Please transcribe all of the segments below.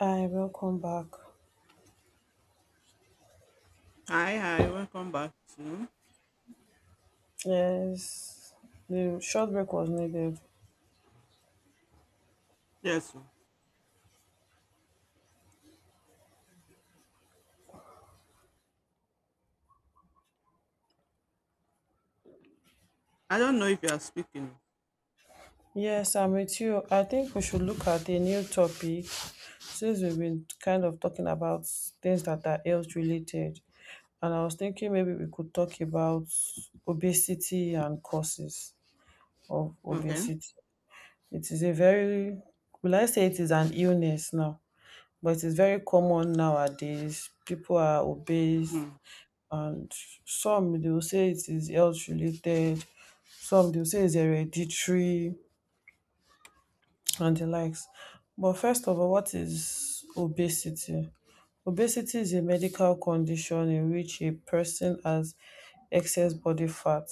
Hi, welcome back. Hi, hi, welcome back to. Yes, the short break was needed. Yes. Oh. I don't know if you are speaking. Yes, I'm with you. I think we should look at a new topic since we've been kind of talking about things that are health related. And I was thinking maybe we could talk about obesity and causes of Okay. obesity. It is a very, will I say it is an illness now, but it is very common nowadays. People are obese, Mm. and some they will say it is health related, some they will say it's hereditary and the likes. But first of all, what is obesity? Obesity is a medical condition in which a person has excess body fat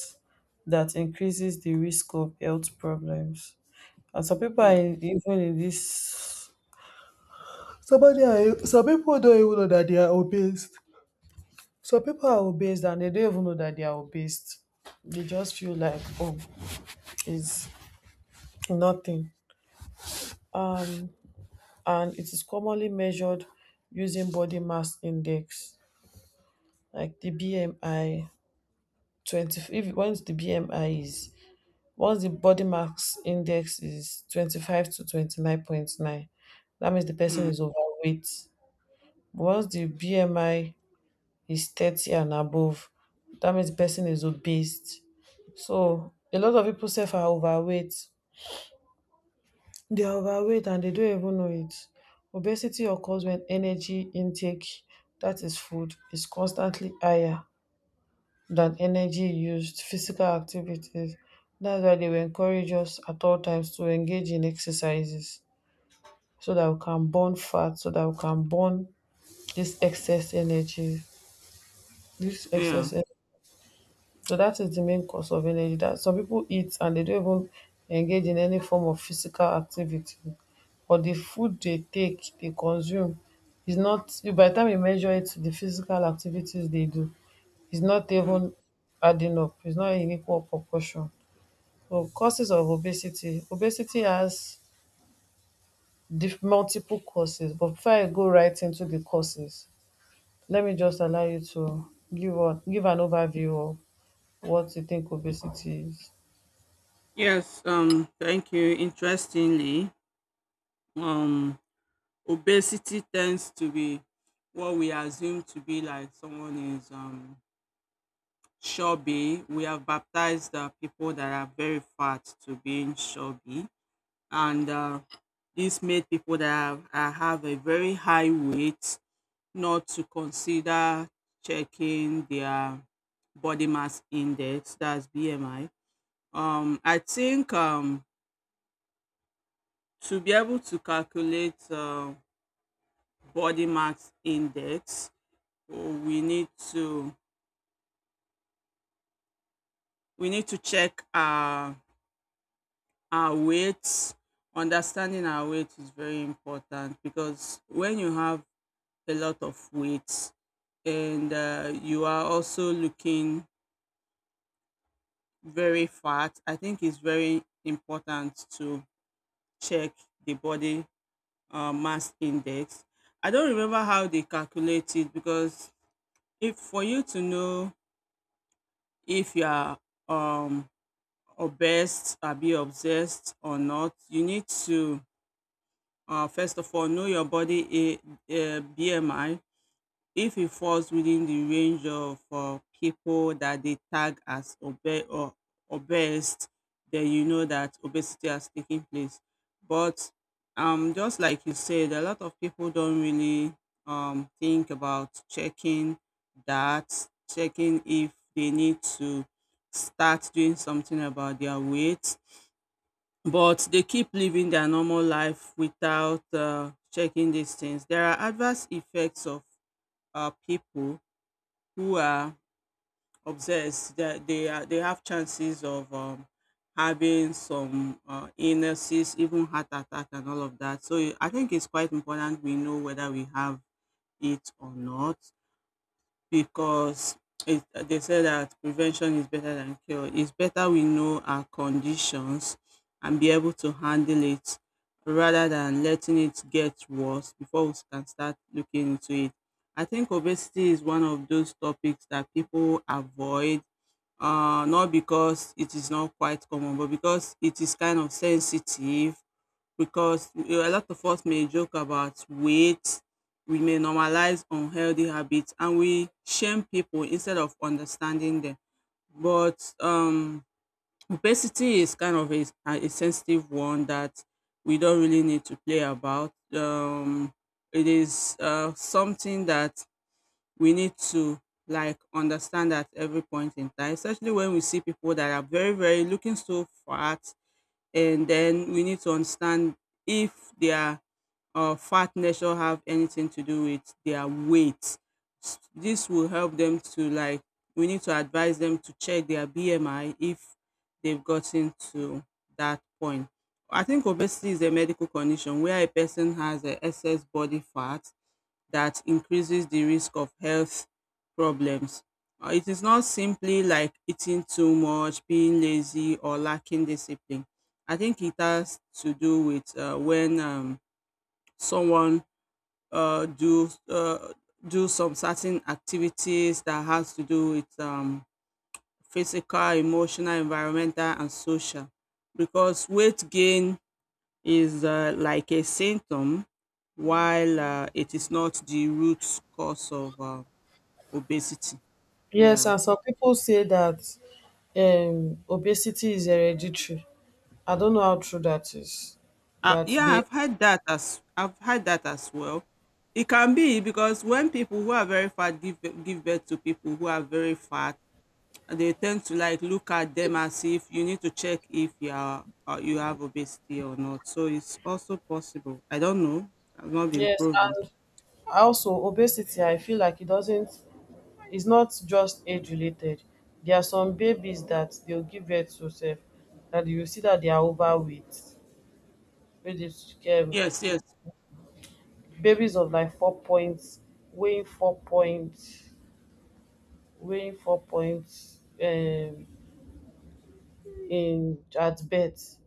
that increases the risk of health problems. And some people are Mm. in, even in this Somebody, some people don't even know that they are obese. So people are obese and they don't even know that they are obese. They just feel like, oh, it's nothing. Um, and it is commonly measured using body mass index, like the BMI. 20, if once the BMI is, once the body mass index is 25 to 29.9, that means the person Mm, is overweight. Once the BMI is 30 and above, that means the person is obese. So a lot of people self are overweight. They are overweight and they don't even know it. Obesity occurs when energy intake, that is food, is constantly higher than energy used physical activities. That's why they will encourage us at all times to engage in exercises so that we can burn fat, so that we can burn this excess energy. This yeah. excess energy. So that is the main cause of energy that some people eat and they don't even engage in any form of physical activity. But the food they take, they consume is not by the time you measure it the physical activities they do, is not Mm. even adding up, it's not in equal proportion. So causes of obesity. Obesity has multiple causes, but before I go right into the causes, let me just allow you to give give an overview of what you think obesity is. Yes. Thank you. Interestingly, um, obesity tends to be what we assume to be like someone is chubby. We have baptized people that are very fat to being chubby, and this made people that have a very high weight, not to consider checking their body mass index, that's BMI. I think to be able to calculate body mass index, we need to we need to check our weights. Understanding our weight is very important, because when you have a lot of weight and you are also looking very fat, I think it's very important to check the body mass index. I don't remember how they calculate it, because if for you to know if you are um, obese or be obsessed or not, you need to first of all know your body BMI, if it falls within the range of people that they tag as obe- or obese, then you know that obesity has taken place. But just like you said, a lot of people don't really think about checking that, checking if they need to start doing something about their weight. But they keep living their normal life without checking these things. There are adverse effects of people who are obsessed, that they have chances of having some illnesses, even heart attack and all of that, so I think it's quite important we know whether we have it or not, because they say that prevention is better than cure. It's better we know our conditions and be able to handle it, rather than letting it get worse before we can start looking into it. I think obesity is one of those topics that people avoid, not because it is not quite common, but because it is kind of sensitive, because a lot of us may joke about weight, we may normalize unhealthy habits, and we shame people instead of understanding them. But obesity is kind of a sensitive one that we don't really need to play about. It is something that we need to, like, understand at every point in time, especially when we see people that are very, very looking so fat, and then we need to understand if they are or fatness or have anything to do with their weight. This will help them to, like, we need to advise them to check their BMI if they've gotten to that point. I think obesity is a medical condition where a person has a excess body fat that increases the risk of health problems. It is not simply like eating too much, being lazy, or lacking discipline. I think it has to do with when someone uh, do uh, do some certain activities that has to do with physical, emotional, environmental, and social. Because weight gain is like a symptom, while it is not the root cause of obesity. Yes, Yeah, and some people say that obesity is hereditary. I don't know how true that is. That yeah, they I've had that as well. It can be because when people who are very fat give birth to people who are very fat, they tend to like look at them as if you need to check if you have obesity or not. So it's also possible. I don't know. I've not been yes, proven. and also obesity, I feel like it doesn't. It's not just age related. There are some babies that they'll give birth to self that you see that they are overweight. Which is, Yes, yes. babies of like 4 points, weighing four points, weighing 4 points in at birth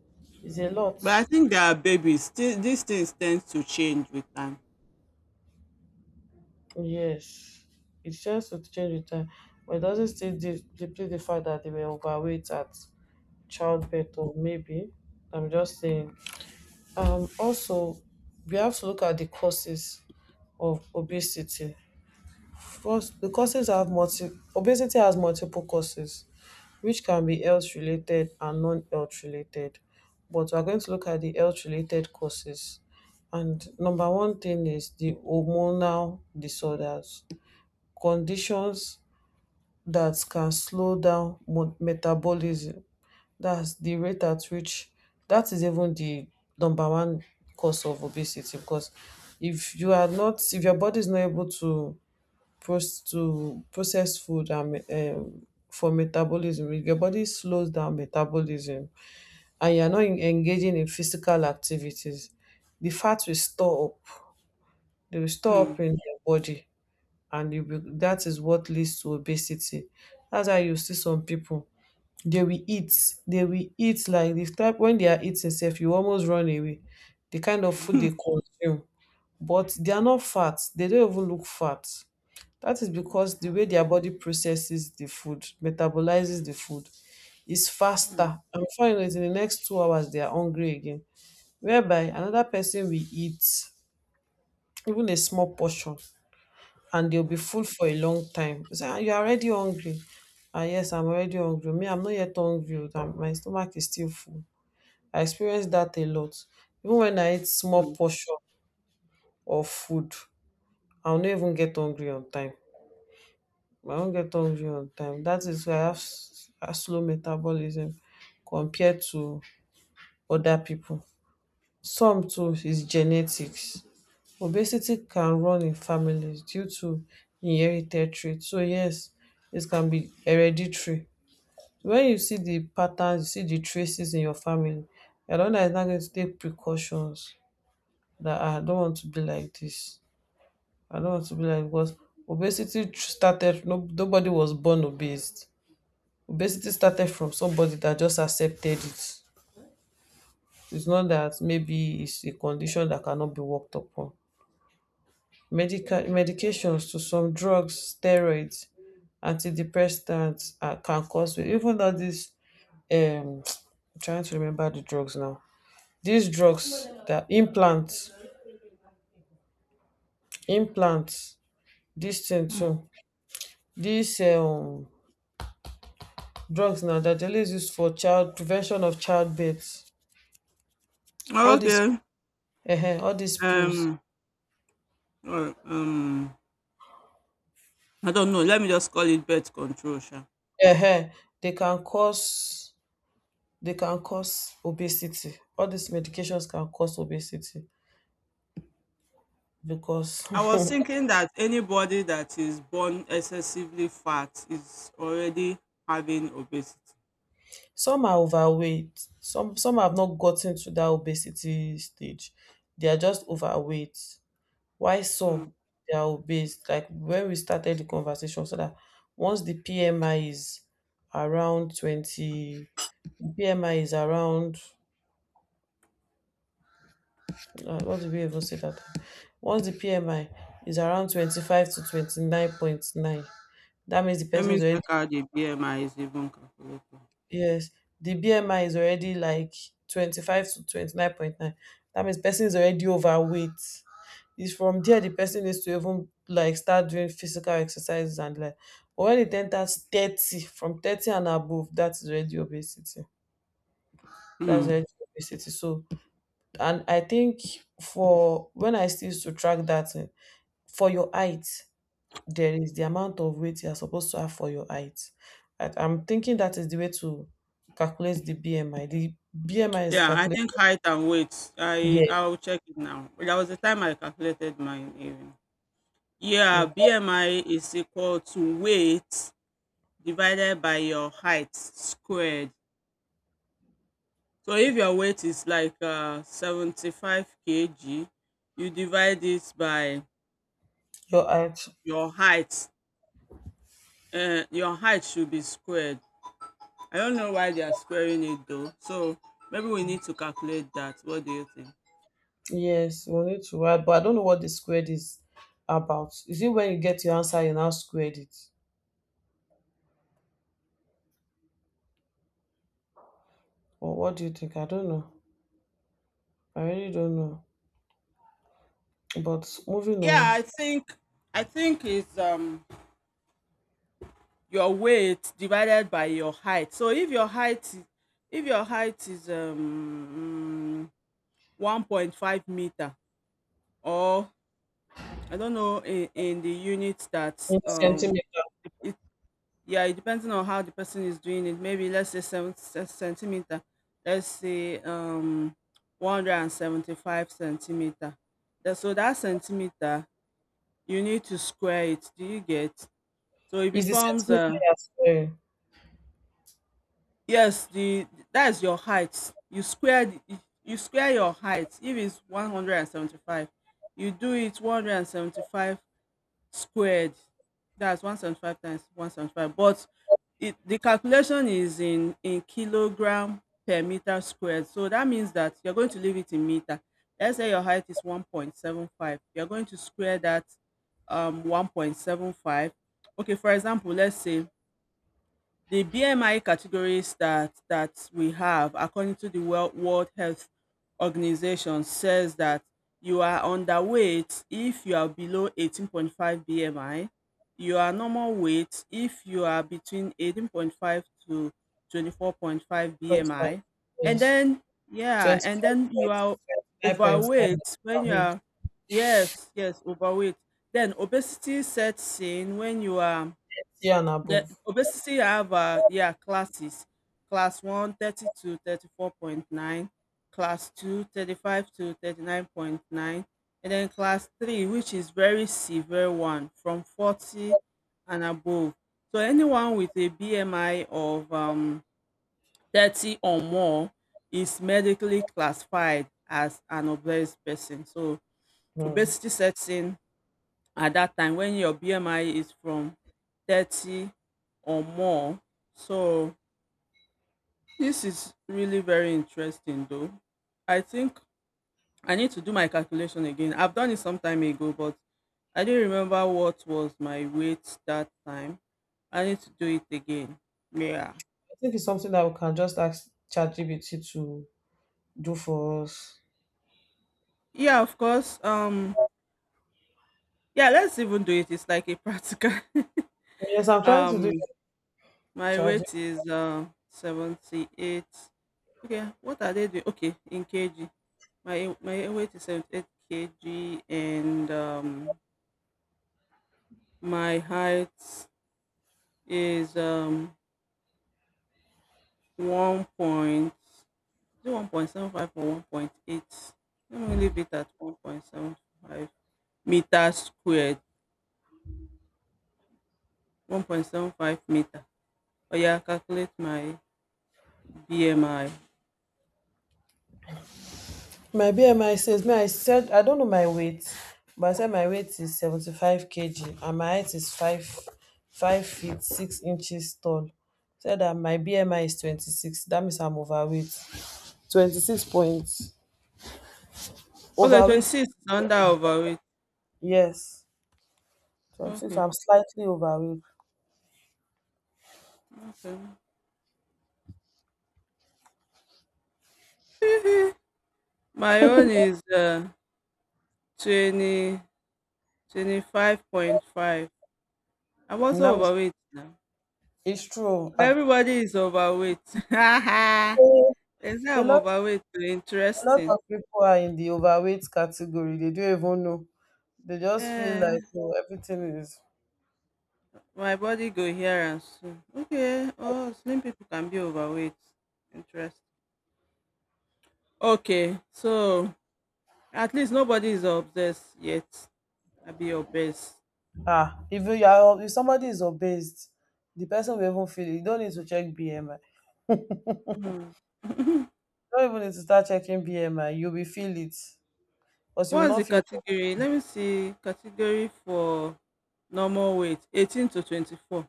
is a lot. But I think there are babies. These things tend to change with time. Yes, it just to change with time, but it doesn't still deplete the fact that they were overweight at childbirth, or maybe. I'm just saying. Also, we have to look at the causes of obesity. First, the causes have multi obesity has multiple causes, which can be health related and non health related. But we're going to look at the health related causes. And number one thing is the hormonal disorders conditions that can slow down metabolism. That's the rate at which that is even the number one cause of obesity because if you are not if your body is not able to process food and for metabolism if your body slows down metabolism and you are not engaging in physical activities the fat will store up Mm. In your body and you be, that is what leads to obesity. That's why you see some people they will eat like the type when they are eating self, you almost run away. The kind of food they consume, but they are not fat. They don't even look fat. That is because the way their body processes the food, metabolizes the food, is faster. And finally, in the next 2 hours, they are hungry again. Whereby another person will eat even a small portion and they'll be full for a long time. You say, "Ah, you're already hungry. Ah, yes, I'm already hungry. Me, I'm not yet hungry. Oh, my stomach is still full. I experienced that a lot. Even when I eat small Mm. portion of food, I'll not even get hungry on time. I won't get hungry on time. That is why I have a slow metabolism compared to other people. Some too is genetics. Obesity can run in families due to inherited trait. So yes, it can be hereditary. Wen you see di pattern, you see di traces in your family, you are di one dat is now going to take precautions dat I don want to be like dis, I don want to be like becos obesity started no, nobody was born obese. Obesity started from somebody dat just accepted it. It's not dat maybe it's a condition dat cannot be worked upon. Medications to some drugs, steroids, antidepressants can cause it. Even though this um I'm trying to remember the drugs now. These drugs that implants, implants, this thing Mm. too. These drugs now that they always use for child prevention of childbirth. Oh, All these okay. All these pills. Um. Well, I don't know. Let me just call it birth control. Sha. uh They can cause obesity. All these medications can cause obesity because I was thinking that anybody that is born excessively fat is already having obesity. Some are overweight, some have not gotten to that obesity stage. They are just overweight. Why Hmm. some they are obese? Like when we started the conversation, so that once the PMI is around 20, the PMI is around, what did we even say that? Time? Once the PMI is around 25 to 29.9, that means the Let person me is already check out the BMI is even calculated. Yes, the BMI is already like 25 to 29.9. That means person is already overweight. It's from there the person needs to even like start doing physical exercises and like but when it enters 30, from 30 and above, that is already obesity. That's Hmm. already obesity. So and I think for when I still used to track that eh, for your height, there is the amount of weight you are supposed to have for your height. I'm thinking that is the way to calculate the BMI. The BMI is Yeah, I calculated. think height and weight. I Yes, I'll check it now. But that was the time I calculated mine even. Yeah, yes. BMI is equal to weight divided by your height squared. So if your weight is like 75 kg, you divide it by Your height. your height. Your height should be squared. I don't know why they are squaring it though. So maybe we need to calculate that. What do you think? Yes, we need to add, but I don't know what the squared is about. Is it when you get your answer, you now squared it? Or what do you think? I don't know. I really don't know. But moving Yeah, on. I think it's your weight divided by your height. So if your height is 1.5 meter, or I don't know in the unit that In the centimeter. it, yeah, it depends on how the person is doing it. Maybe let's say seven centimeter. Let's say 175 centimeter. So that centimeter you need to square it. Do you get? So it Is the becomes centimeter you are squaring? yes, the that's your height. You square your height. If it's 175, you do it 175 squared. That's 175 times 175. But the calculation is in kilogram per meter squared. So that means that you're going to leave it in meter. Let's say your height is 1.75. You're going to square that 1.75. Okay, for example, let's say the BMI categories that we have, according to the World Health Organization, says that you are underweight if you are below 18.5 BMI. You are normal weight if you are between 18.5 to 24.5 25. BMI. And Yes. then, yeah, and then you are Twenty-5.5. overweight when you Wait. are, yes, yes, overweight. Then obesity sets in when you are. See and The above. obesity I have, yeah, classes: class one 30 to 34.9, class two 35 to 39.9, and then class three, which is very severe, one from 40 and above. So anyone with a BMI of 30 or more is medically classified as an obese person. So Hmm. obesity sets in at that time when your BMI is from 30 or more. So this is really very interesting though. I think I need to do my calculation again. I've done it some time ago, but I didn't remember what was my weight that time. I need to do it again. Yeah. I think it's something that we can just ask ChatGPT to do for us. Yeah, of course. Yeah, let's even do it. It's like a practical. Yes, I'm trying to do um my ChatGPT. weight is 78. Okay, what are they doing? Okay, in kg. My weight is 78 kg, and my height is one point, is it 1.75 or 1.8? Let me leave it at 1.75 meter squared. 1.75 meter. Oh yeah, calculate my BMI. My BMI says me, I said I don't know my weight, but I said my weight is 75 kg and my height is five feet 6 inches tall. Said that my BMI is 26. That means I'm overweight. 26 points. Okay, twenty Overweight? six is under overweight. Yes. 26. Okay, I'm slightly overweight. okay. my own is twenty twenty five point five. I'm also That means overweight now. it's true. Ah. Everybody is overweight. They say A I'm lot overweight. Oh, A lot interesting. of people are in the overweight category. They don't even know. They just feel like Eh, oh, everything is my body go here and soon. Okay. Oh, slim people can be overweight. Interesting. Okay. So at least nobody is obsessed yet. I be obese. ah. Even you are, if somebody is obese, the person will even feel it. You don't need to check BMI. Hmm. You don't even need to start checking BMI. You'll feel it because you will What's the not feel. category? Let me see. Category for normal weight, 18 to 24.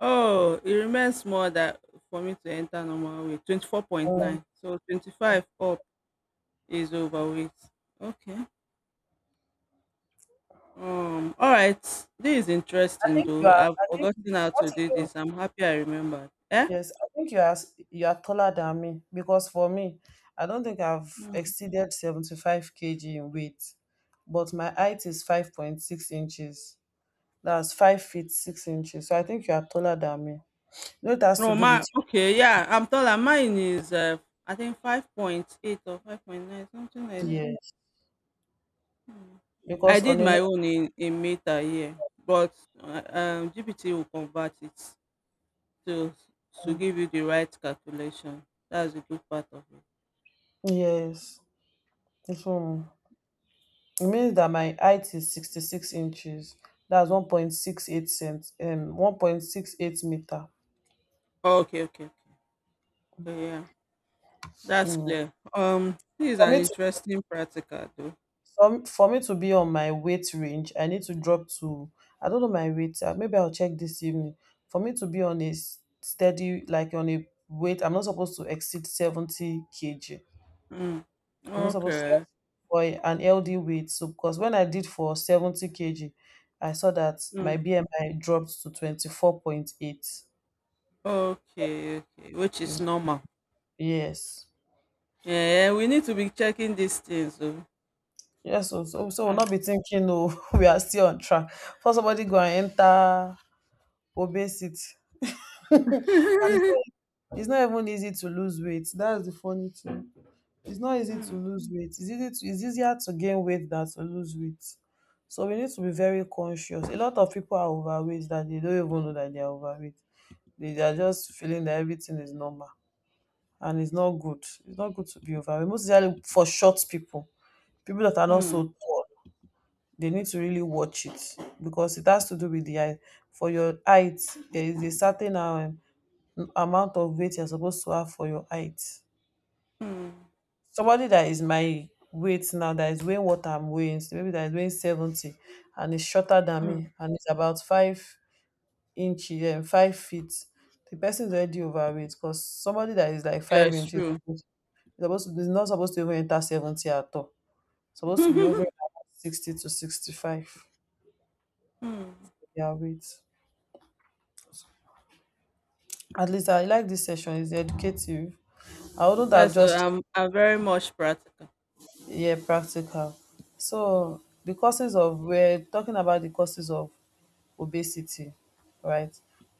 Oh, it remains more that for me to enter normal weight. "Oh, 24.9. So 25 up is overweight. Okay. All right. This is I interesting think you though. are. I've I think forgotten how what to is do your this. I'm happy I remembered. Eh? yes. I think you are you are taller than me because for me, I don't think I've Mm. exceeded 75 kg in weight, but my height is 5.6 inches. That's 5 feet 6 inches. So I think you are taller than me. You know it has to No, do my, with okay, yeah. I'm taller. Mine is I think 5.8 or 5.9, something like that. yes. Hmm. I Because did on a my own in, meter here, but GPT will convert it, to to normal give you the right calculation. That's the good part of it. yes. It's Mm. it means that my height is 66 inches. That's one point six eight cent 1.68 meter. Okay, okay, okay. So yeah, that's Mm. clear. This is For an me to interesting practical though. For me to be on my weight range, I need to drop to I don't know my weight. Maybe I'll check this evening. For me to be on a steady like on a weight, I'm not supposed to exceed 70 kg. Mm. I'm not supposed to Okay. ask for an LD weight. So because when I did for 70 kg, I saw that my Mm. BMI dropped to 24.8. Okay, okay, which is normal. Yes. Yeah, we need to be checking these things though. Yes, so we'll Ah. not be thinking, oh, we are still on track. For somebody go and enter obesity. And it's not even easy to lose weight. That's the funny thing. It's not easy to Mm. lose weight. It's easy to, it's easier to gain weight than to lose weight. So we need to be very conscious. A lot of people are overweight that they don't even know that they are overweight. They are just feeling that everything is normal and it's not good. It's not good to be overweight. Most especially for short people, people that are not Mm. so tall, they need to really watch it because it has to do with the height. For your height, there is a certain amount of weight you're supposed to have for your height. Mm. Somebody that is my weight now, that is weighing what I'm weighing, so maybe that is weighing 70, and is shorter than Mm. me, and it's about 5 inches and 5 feet. The person is already overweight because somebody that is like Yeah, five it's inches true. is is not supposed to even enter 70 at all, supposed to be over 60 to 65 Mm. their weight. At least I like this session, it's educative. I wouldn't Yeah, have so just... I'm very much practical. Yeah, practical. So the causes of, we're talking about the causes of obesity, right?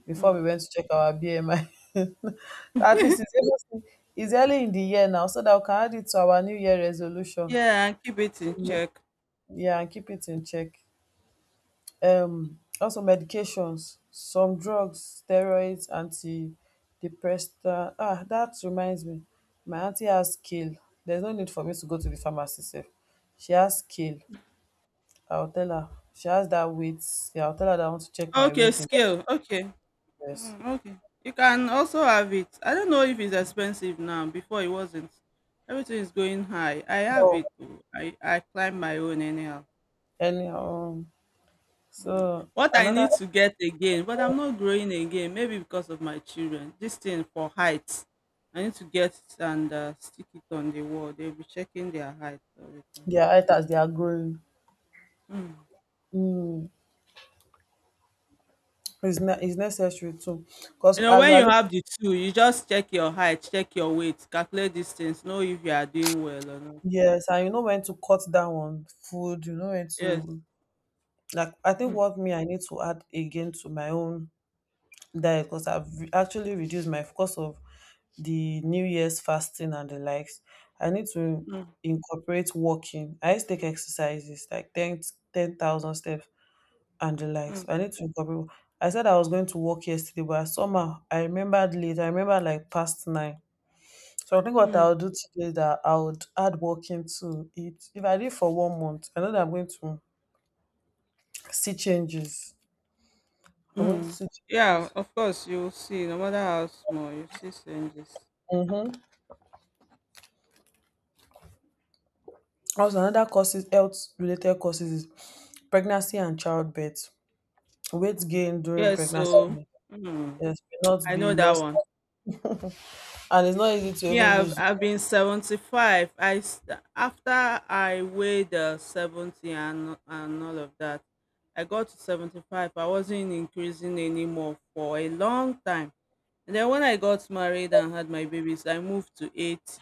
Before we Mm. went to check our BMI. At least early, it's early in the year now, so that we can add it to our New Year resolution. Yeah, and keep it in Mm. check. Yeah, and keep it in check. Also medications, some drugs, steroids, antidepressant. Ah, that reminds me. My auntie has kale. There's no need for me to go to the pharmacy sef. She has kale. I'll tell her. She has that weight. Yeah, I'll tell her that I want to check my Okay, weight in the scale. Okay. US. Mm, okay. You can also have it. I don't know if it's expensive now. Before it wasn't. Everything is going high. I have it. Oh. I climb my own anyhow. Anyhow. Mm. So What I another, need to get again, but I'm not growing again. Maybe because of my children. This thing for height. I need to get it and stick it on the wall. They'll be checking their height all the time. their items they are growing Mm. is is necessary too. Because You know, as we when are you looking, have the two, you just check your height, check your weight, calculate distance, know if you are doing well or not. yes, and you know when to cut down on food, you know when Yes. to, like I think Mm. what, me, I need to add again to my own diet, because I've actually reduced my course of the New Year's fasting and the likes. I need to Mm. incorporate walking. I used to take exercises like ten thousand steps, and the likes. Mm. I need to wake up early. I said I was going to work yesterday, but somehow I remembered late. I remember like past 9. So I think what Mm. I'll do today is that I would add walking to it. If I did for one month, I know that I'm going to see changes. I'm going to Mm. see Yeah, changes. of course, you'll see, no matter how small, you see changes. Hmm. Also, another causes health related causes is pregnancy and childbirth. Weight gain during Yes, so pregnancy, mm, yes, may not I be know that lost, one. and it's not easy to Me, even I've, lose. I've been 75. After I weighed 70 and all of that, I got to 75. I wasn't increasing anymore for a long time. And then when I got married and had my babies, I moved to 80.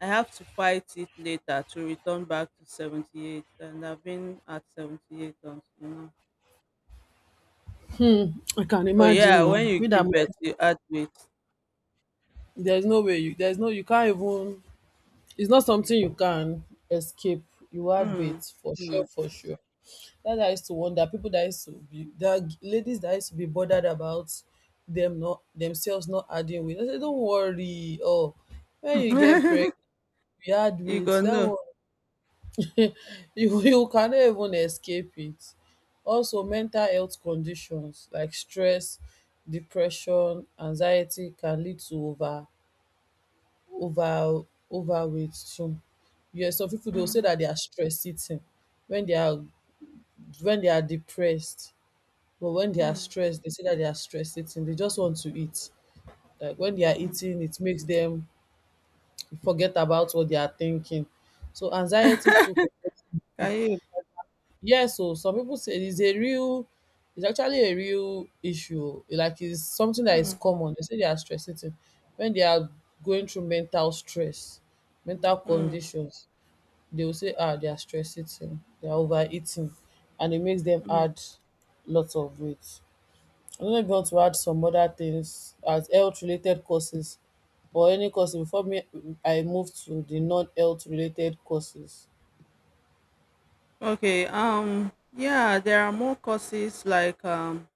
I have to fight it later to return back to 78. And I've been at 78 until now. Hmm, I can So yeah, imagine. Oh, when you me that... give birth, you add weight. There's no way you, there's no, you can't even, it's not something you can escape. You had bait Mm, for sure, mm. for sure. That I used to wonder, people that used to be, that ladies that used to be bothered about them not, themselves not adding weight. I said, don't worry, oh, when you get pregnant, you add you weight, go that no. one. You cannot even escape it. Also mental health conditions like stress, depression, anxiety can lead to over overweight too. Yes, some people they will say that they are stress eating when they are when they are depressed. But when they are stressed, they say that they are stress eating. They just want to eat. Like when they are eating, it makes them forget about what they are thinking. So anxiety too Can you? Yes, so some people say it's actually a real issue. Like it's something that is Mm, common. They say they are stress eating when they are going through mental stress, mental mm, conditions. They will say, ah, they are stress eating, they are overeating, and it makes them mm. add lots of weight. I don't know if you want to add some other things as health related causes, or any cause before me I move to the non health related causes. Okay. Yeah, there are more causes like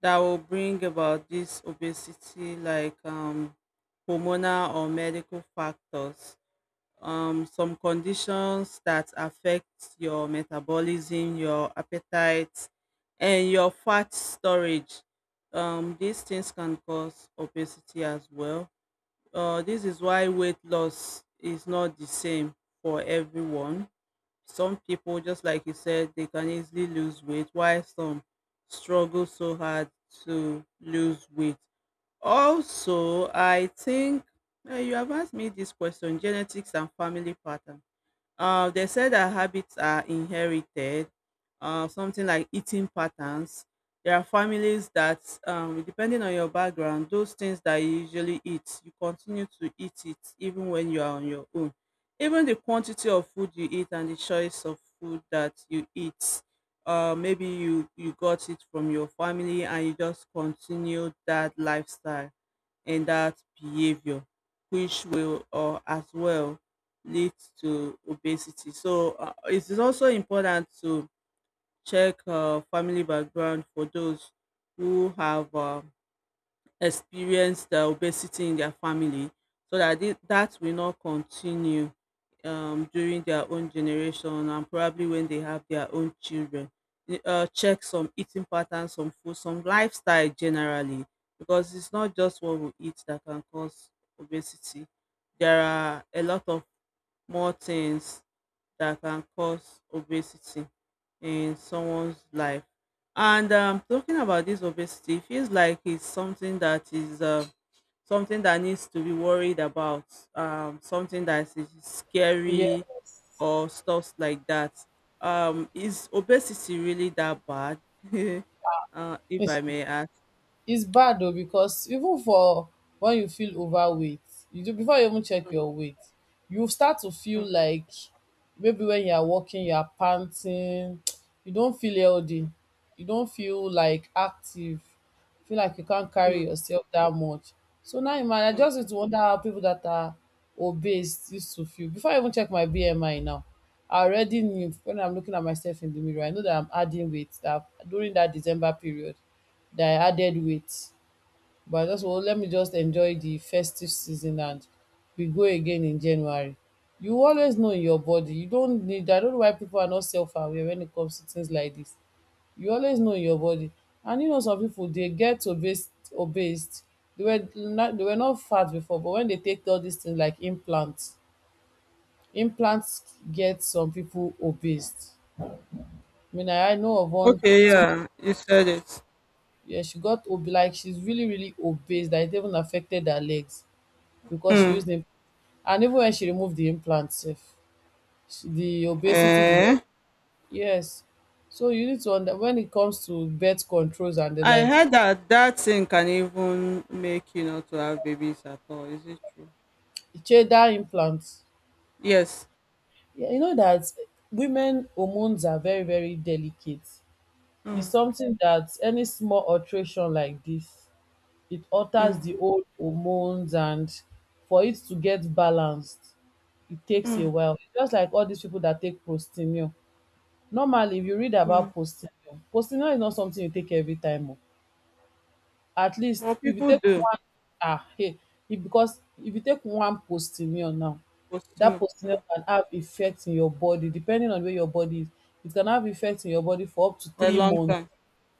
that will bring about this obesity, like hormonal or medical factors. Some conditions that affect your metabolism, your appetite, and your fat storage. These things can cause obesity as well. This is why weight loss is not the same for everyone. Some people, just like you said, they can easily lose weight, while some struggle so hard to lose weight. Also, I think you have asked me this question genetics and family pattern. They said that habits are inherited, something like eating patterns. There are families that, depending on your background, those things that you usually eat, you continue to eat it even when you are on your own. Even the quantity of food you eat and the choice of food that you eat, maybe you got it from your family and you just continue that lifestyle and that behavior which will or as well lead to obesity, so it is also important to check family background for those who have experience the obesity in their family so that that will not continue during their own generation and probably when they have their own children. Check some eating patterns, some food, some lifestyle generally, because it's not just what we eat that can cause obesity. There are a lot of more things that can cause obesity in someone's life. And talking about this obesity, it feels like it's something that is something that needs to be worried about, something that is scary Yes. or stuff like that. Is obesity really that bad? If I may It's ask. bad though, because even for when you feel overweight, you do before you even check Mm, your weight, you start to feel like maybe when you are walking, you are panting, you don't feel healthy, you don't feel like active, feel like you can't mm, carry yourself that much. So now in mind, I mm. just used to wonder how people that are obese used to feel. Before I even check my BMI now, I already knew when I'm looking at myself in the mirror, I know that I'm adding weight, that during that December period that I added weight. But I just want, let me just enjoy the festive season and we go again in January. You always know in your body. You don't need, I don't know why people are not self aware when it comes to things like this. You always know in your body. And you know some people they get obese obese. They were not fat before, but when they take all these things like implants, implants get some people obese. I mean I know of one, Okay, some... yeah, you said it. Yeah, she got ob, like she's really, really obese that it even affected her legs because she Mm. used them. And even when she removed the implant sef, she, the obesity did not... Eh? yes. So you need to under, when it comes to birth controls and the I likes, heard that that thing can even make you not to have babies at all. Is it true? gender implants, Yes. yeah, you know that women hormones are very, very delicate. It's Mm, something that any small alteration like this, it alters the mm, old hormones, and for it to get balanced it takes a mm, while. It's just like all these people that take prostinor. Normally if you read mm. about prostinor, prostinor is not something you take every time o. At Well, least if you people take do one, ah, hey, if, because if you take one prostinor now, for that still, prostinor can have effect in your body depending on where your body is, it can have effect in your body for up to for a three long months time.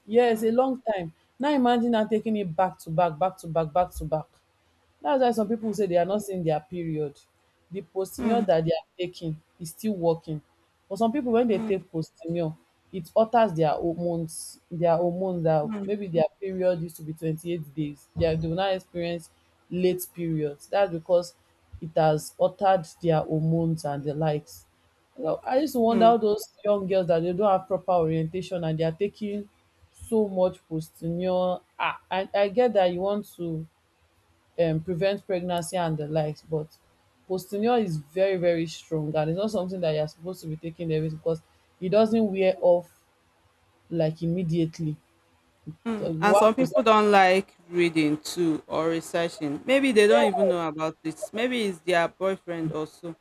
Yes, Mm, a long time. Now imagine now taking it back to back, back to back, back to back. That's why some people mm, say they are not seeing their period. The mm, postinor that they are taking is still working. For some people, when they mm, take postinor, it alters their hormones. Their hormones, that mm, maybe their period used to be 28 days, they, are, they will now experience late periods. That's because it has altered their hormones and the likes. You know, I used to wonder mm, how those young girls that they don't have proper orientation and they are taking so much postinor, ah, I get that you want to prevent pregnancy and the likes, but postinor is very, very strong and it's not something that you're supposed to be taking every, because it doesn't wear off like immediately. So mm. And one some post, people don't like reading too or researching. Maybe they don't yeah, even know about it. Maybe it's their boyfriend also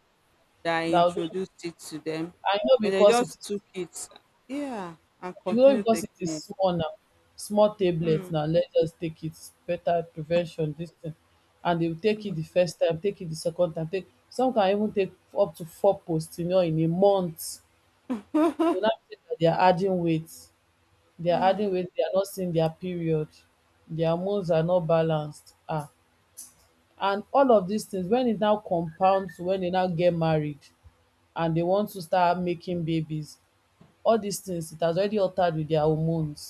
that that will do it. introduced it to them, I know and they because it just is, took it. Yeah, and you know continue because it is taking it. small now, small tablets Mm, now. Let's just take it, better prevention this thing. And they will take it mm. the first time, take it the second time, take, some can even take up to four postinor in a month. Go now be sey they are adding weight, they are adding Mm. weight, they are not seeing their period, their hormones are not balanced, um, and all of dis things wen e now compound to wen dey now get married and dey want to start making babies, all dis things, it has already altered with their hormones,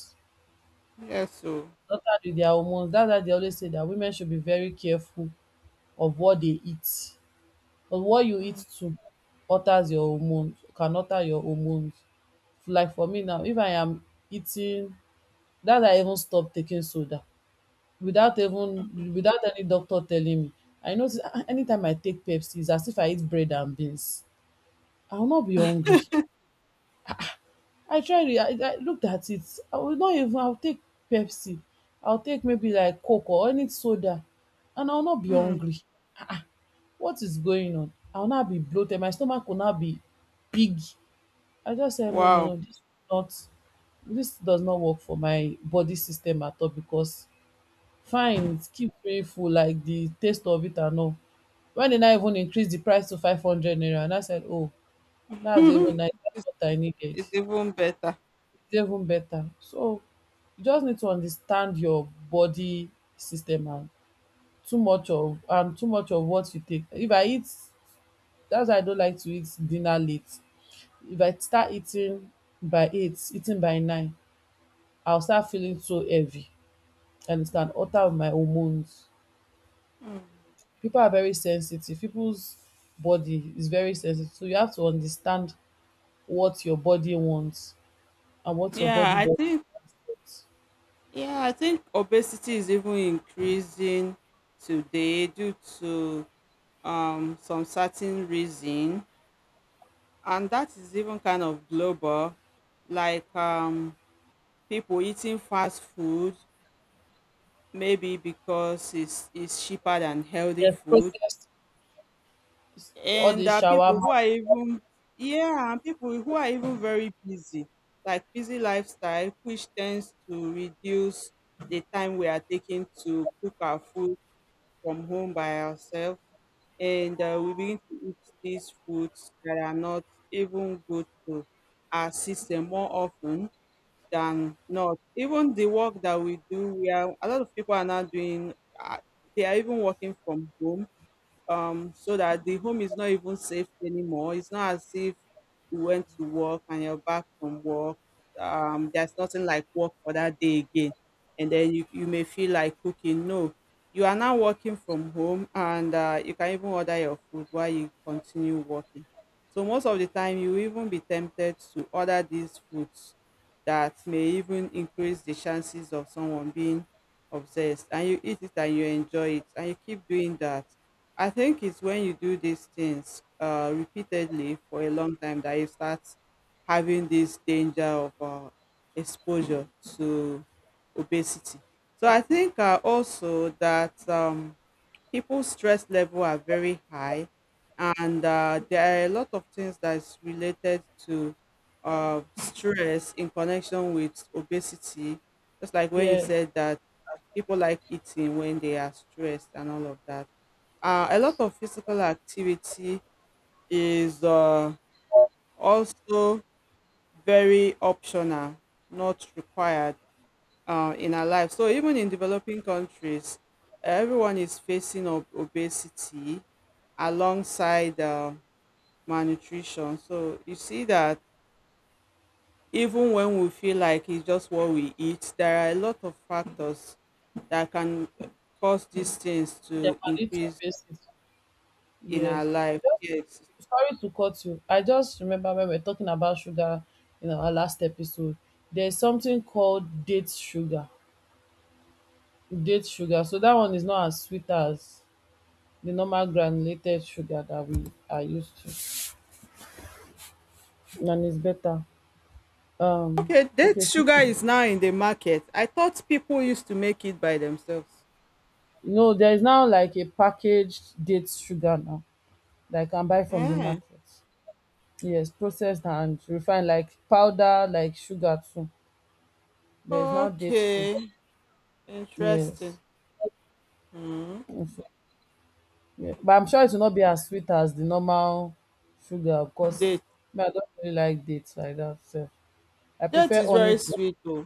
Yes, so altered with their hormones. Dats why dey always say dat women should be very careful of what dey eat, cause what you eat too alters your hormones, can alter your hormones. Like for me now, if I am eating, dat day I even stopped taking soda, without even, without any doctor telling me, I notice, ah, anytime I take pepsi its as if I eat bread and beans, I will not be hungry. I tried it, I looked at it, I will not even, I will take pepsi, I will take maybe like coke or any soda, and I will not be Hmm. hungry. What is going on, I will not be bloated, my stomach will not be big. I just said, no, no, Wow. no, this is not, this does not work for my body system at all because fines keep painful, like the taste of it and all. When they now even increase the price to 500 naira, and I said, oh, that's even nice, dats it's, what I needed. it's Its even better. even better. So you just need to understand your body system, and too much of, and too much of what you take, if I eat, that's why I don't like to eat dinner late. If I start eating by 8, eating by 9, I'll start feeling so heavy, and it can alter my hormones. People are very sensitive. People's body is very sensitive. So you have to understand what your body wants and what your Yeah, body I doesn't think want. yeah, I think obesity is even increasing today due to some certain reason, and that is even kind of global, like people eating fast food, maybe because it's cheaper than healthy Yes, food, processed, all and the there are people shawarma. who are even yeah, and people who are even very busy, like busy lifestyle, which tends to reduce the time we are taking to cook our food from home by ourselves, and we begin to eat these foods that are not even good to our system more often than not. Even the work that we do, we are a lot of people are now doing, uh, they are even working from home. So that the home is not even safe anymore. It's not as if you went to work and you're back from work. There's nothing like work for that day again. And then you may feel like cooking. No, you are now working from home, and you can even order your food while you continue working. So most of the time, you will even be tempted to order these foods that may even increase the chances of someone being obsessed. And you eat it and you enjoy it and you keep doing that. I think it's when you do these things repeatedly for a long time that you start having this danger of exposure to obesity. So I think also that people's stress level are very high, and there are a lot of things that's related to stress in connection with obesity. Just like when you Yes, said that people like eating when they are stressed and all of that, a lot of physical activity is also very optional, not required in our life. So even in developing countries, everyone is facing obesity alongside malnutrition. So you see that even when we feel like it's just what we eat, there are a lot of factors that can cause these things to little increase basis. in our Yes. life. Yes. Sorry to cut you. I just remember when we were talking about sugar in our last episode. There's something called date sugar. Date sugar. So that one is not as sweet as the normal granulated sugar that we are used to. And it's better. Um, Okay, date okay, so, sugar is now in the market. I thought people used to make it by themselves. no, there is now like a packaged date sugar now that I can buy from the Ah, market. Yes, processed and refined, like powder, like sugar too. There is now date sugar. okay. Yes. Interesting. Hmm. In fact, yeah. But I'm sure it will not be as sweet as the normal sugar Date. because me, I don't really like dates like that. So I Date prefer is honey very to. sweet though.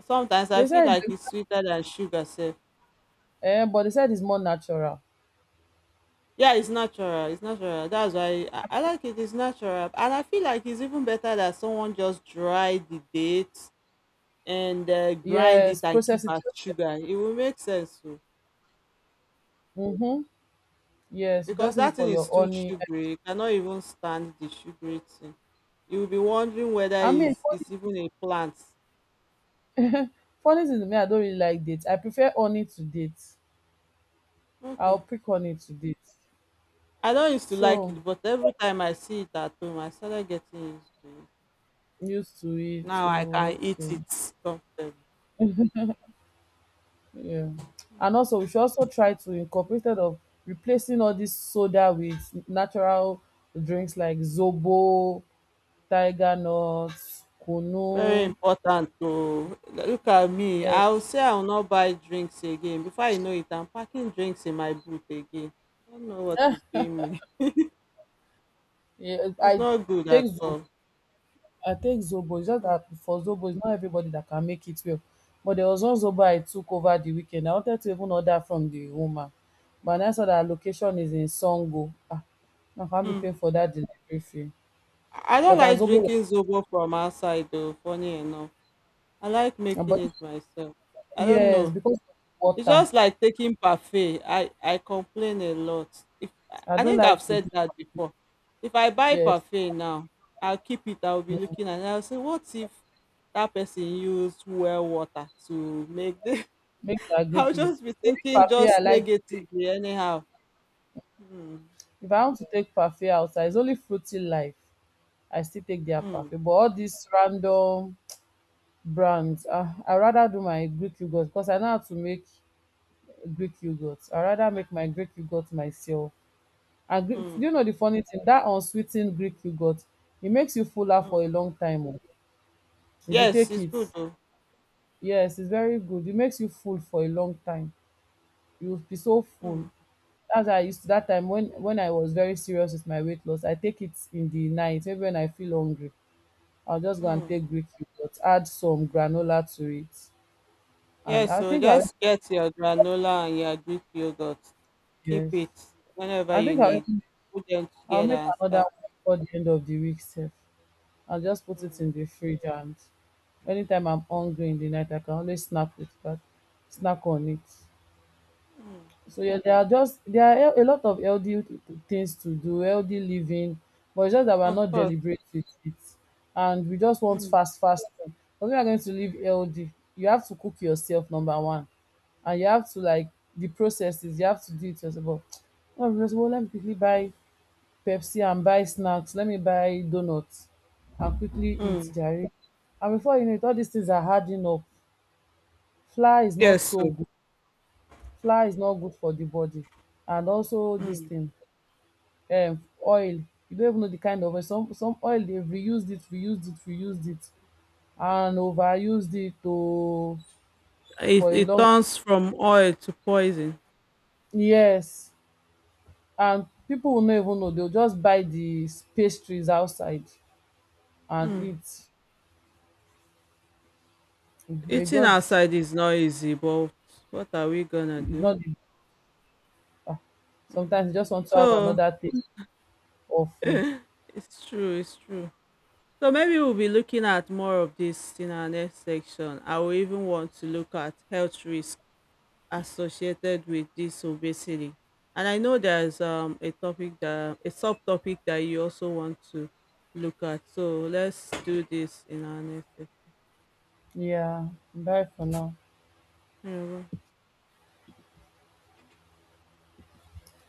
Sometimes I They feel said, like it's, it's sweeter than sugar, sef. eh, but they said it's more natural. Yeah, it's natural. It's natural. That's why I like it. It's natural. And I feel like it's even better that someone just dry the date and grind it Yes, and keep process it as yourself. sugar. It will make sense. Mm-hmm. Yes, you Because just use it that thing for your is too honey. sugary. You cannot even stand the sugary thing. You will be wondering whether I mean, it's even a plant. Funny thing to me, I don't really like dates. I prefer honey to dates. Okay. I'll pick honey to dates. I don't used to like So it, but every time I see it at home, I started getting used to it. I'm used to it. Now I So can eat okay, it comfortably. yeah. And also, we should also try to incorporate instead of replacing all this soda with natural drinks like zobo, tiger nuts, Very kunu. important to look at me. I Yes, will say I will not buy drinks again. Before I know it, I'm packing drinks in my boot again. I don't know what is doing me. yeah. It's I not good at take zobo. all. I take Zobo. It's just that for Zobo, it's not everybody that can make it well. But there was one Zobo I took over the weekend. I wanted to even order from the woman. But I saw that her location is in Songo. Ah, I can't be paying Mm. for that delivery fee. I don't But her like Zobo was- drinking zobo from outside though, funny enough. I like ah, making but it myself. I don't yes, know. because of It's water. just like taking parfait. I complain a lot. If I I don't think I've like to said take, that before. If I buy yes, parfait now, I'll be mm, looking and I'll say, "What if that person used well water to make this?" make the agree I'll kilo. just be Only thinking parfait I just like to take. negatively anyhow. Hmm. If I want to take parfait outside, it's only fruity life. I still take their Hmm. parfait. But all this random brands. Ah, I rather do my Greek yogurt because I know how to make Greek yogurt. I rather make my Greek yogurt myself. And Greek, Hmm. do you know the funny thing? That unsweetened Greek yogurt, it makes you fuller for a Hmm. long time. Oh. If you Yes, take it's it, good though. yes, it's very good. It makes you full for a long time. You'll be so full. Hmm. As I used to that time, when I was very serious with my weight loss, I take it in the night. Maybe when I feel hungry, I'll just go and Hmm. take Greek yogurt, add some granola to it, and Yes, I so think I will. just get your granola and your Greek yogurt. Keep Yes. it whenever I you think I'll need. even Put them I'll together make and another start. one before the end of the week sef. I'll just put it Mm, in the fridge, and anytime I'm hungry in the night I can always snack on it. mm, So yeah, there are just there are hea- a lot of healthy things to do, healthy living, but it's just that we're Of not course. deliberate with it. And we just want Mm, fast, fast food. But we are going to live healthy. You have to cook yourself, number one. And you have to like the processes, you have to do it yourself. But, oh, well, let me quickly buy Pepsi and buy snacks. Let me buy donuts and quickly eat mm. jare. And before you know it, all these things are adding up. Flour is Yes, not so so good. Flour is not good for the body. And also this mm. thing, oil. You don't even know the kind of oil. Some oil, they've reused it, reused it, reused it, and overused it to it, for a it long turns from oil to poison. yes. And people will not even know. They'll just buy the pastries outside and Mm. eat. May Eating God is outside is not easy, but what are we gonna do? not the. Ah, Mm. sometimes you just want to have So another taste of food. it's true, it's true. So maybe we'll be looking at more of this in our next section. I will even want to look at health risks associated with this obesity. And I know there's a topic that a subtopic that you also want to look at. So let's do this in our next section. Yeah, bye for now. Yeah, bye.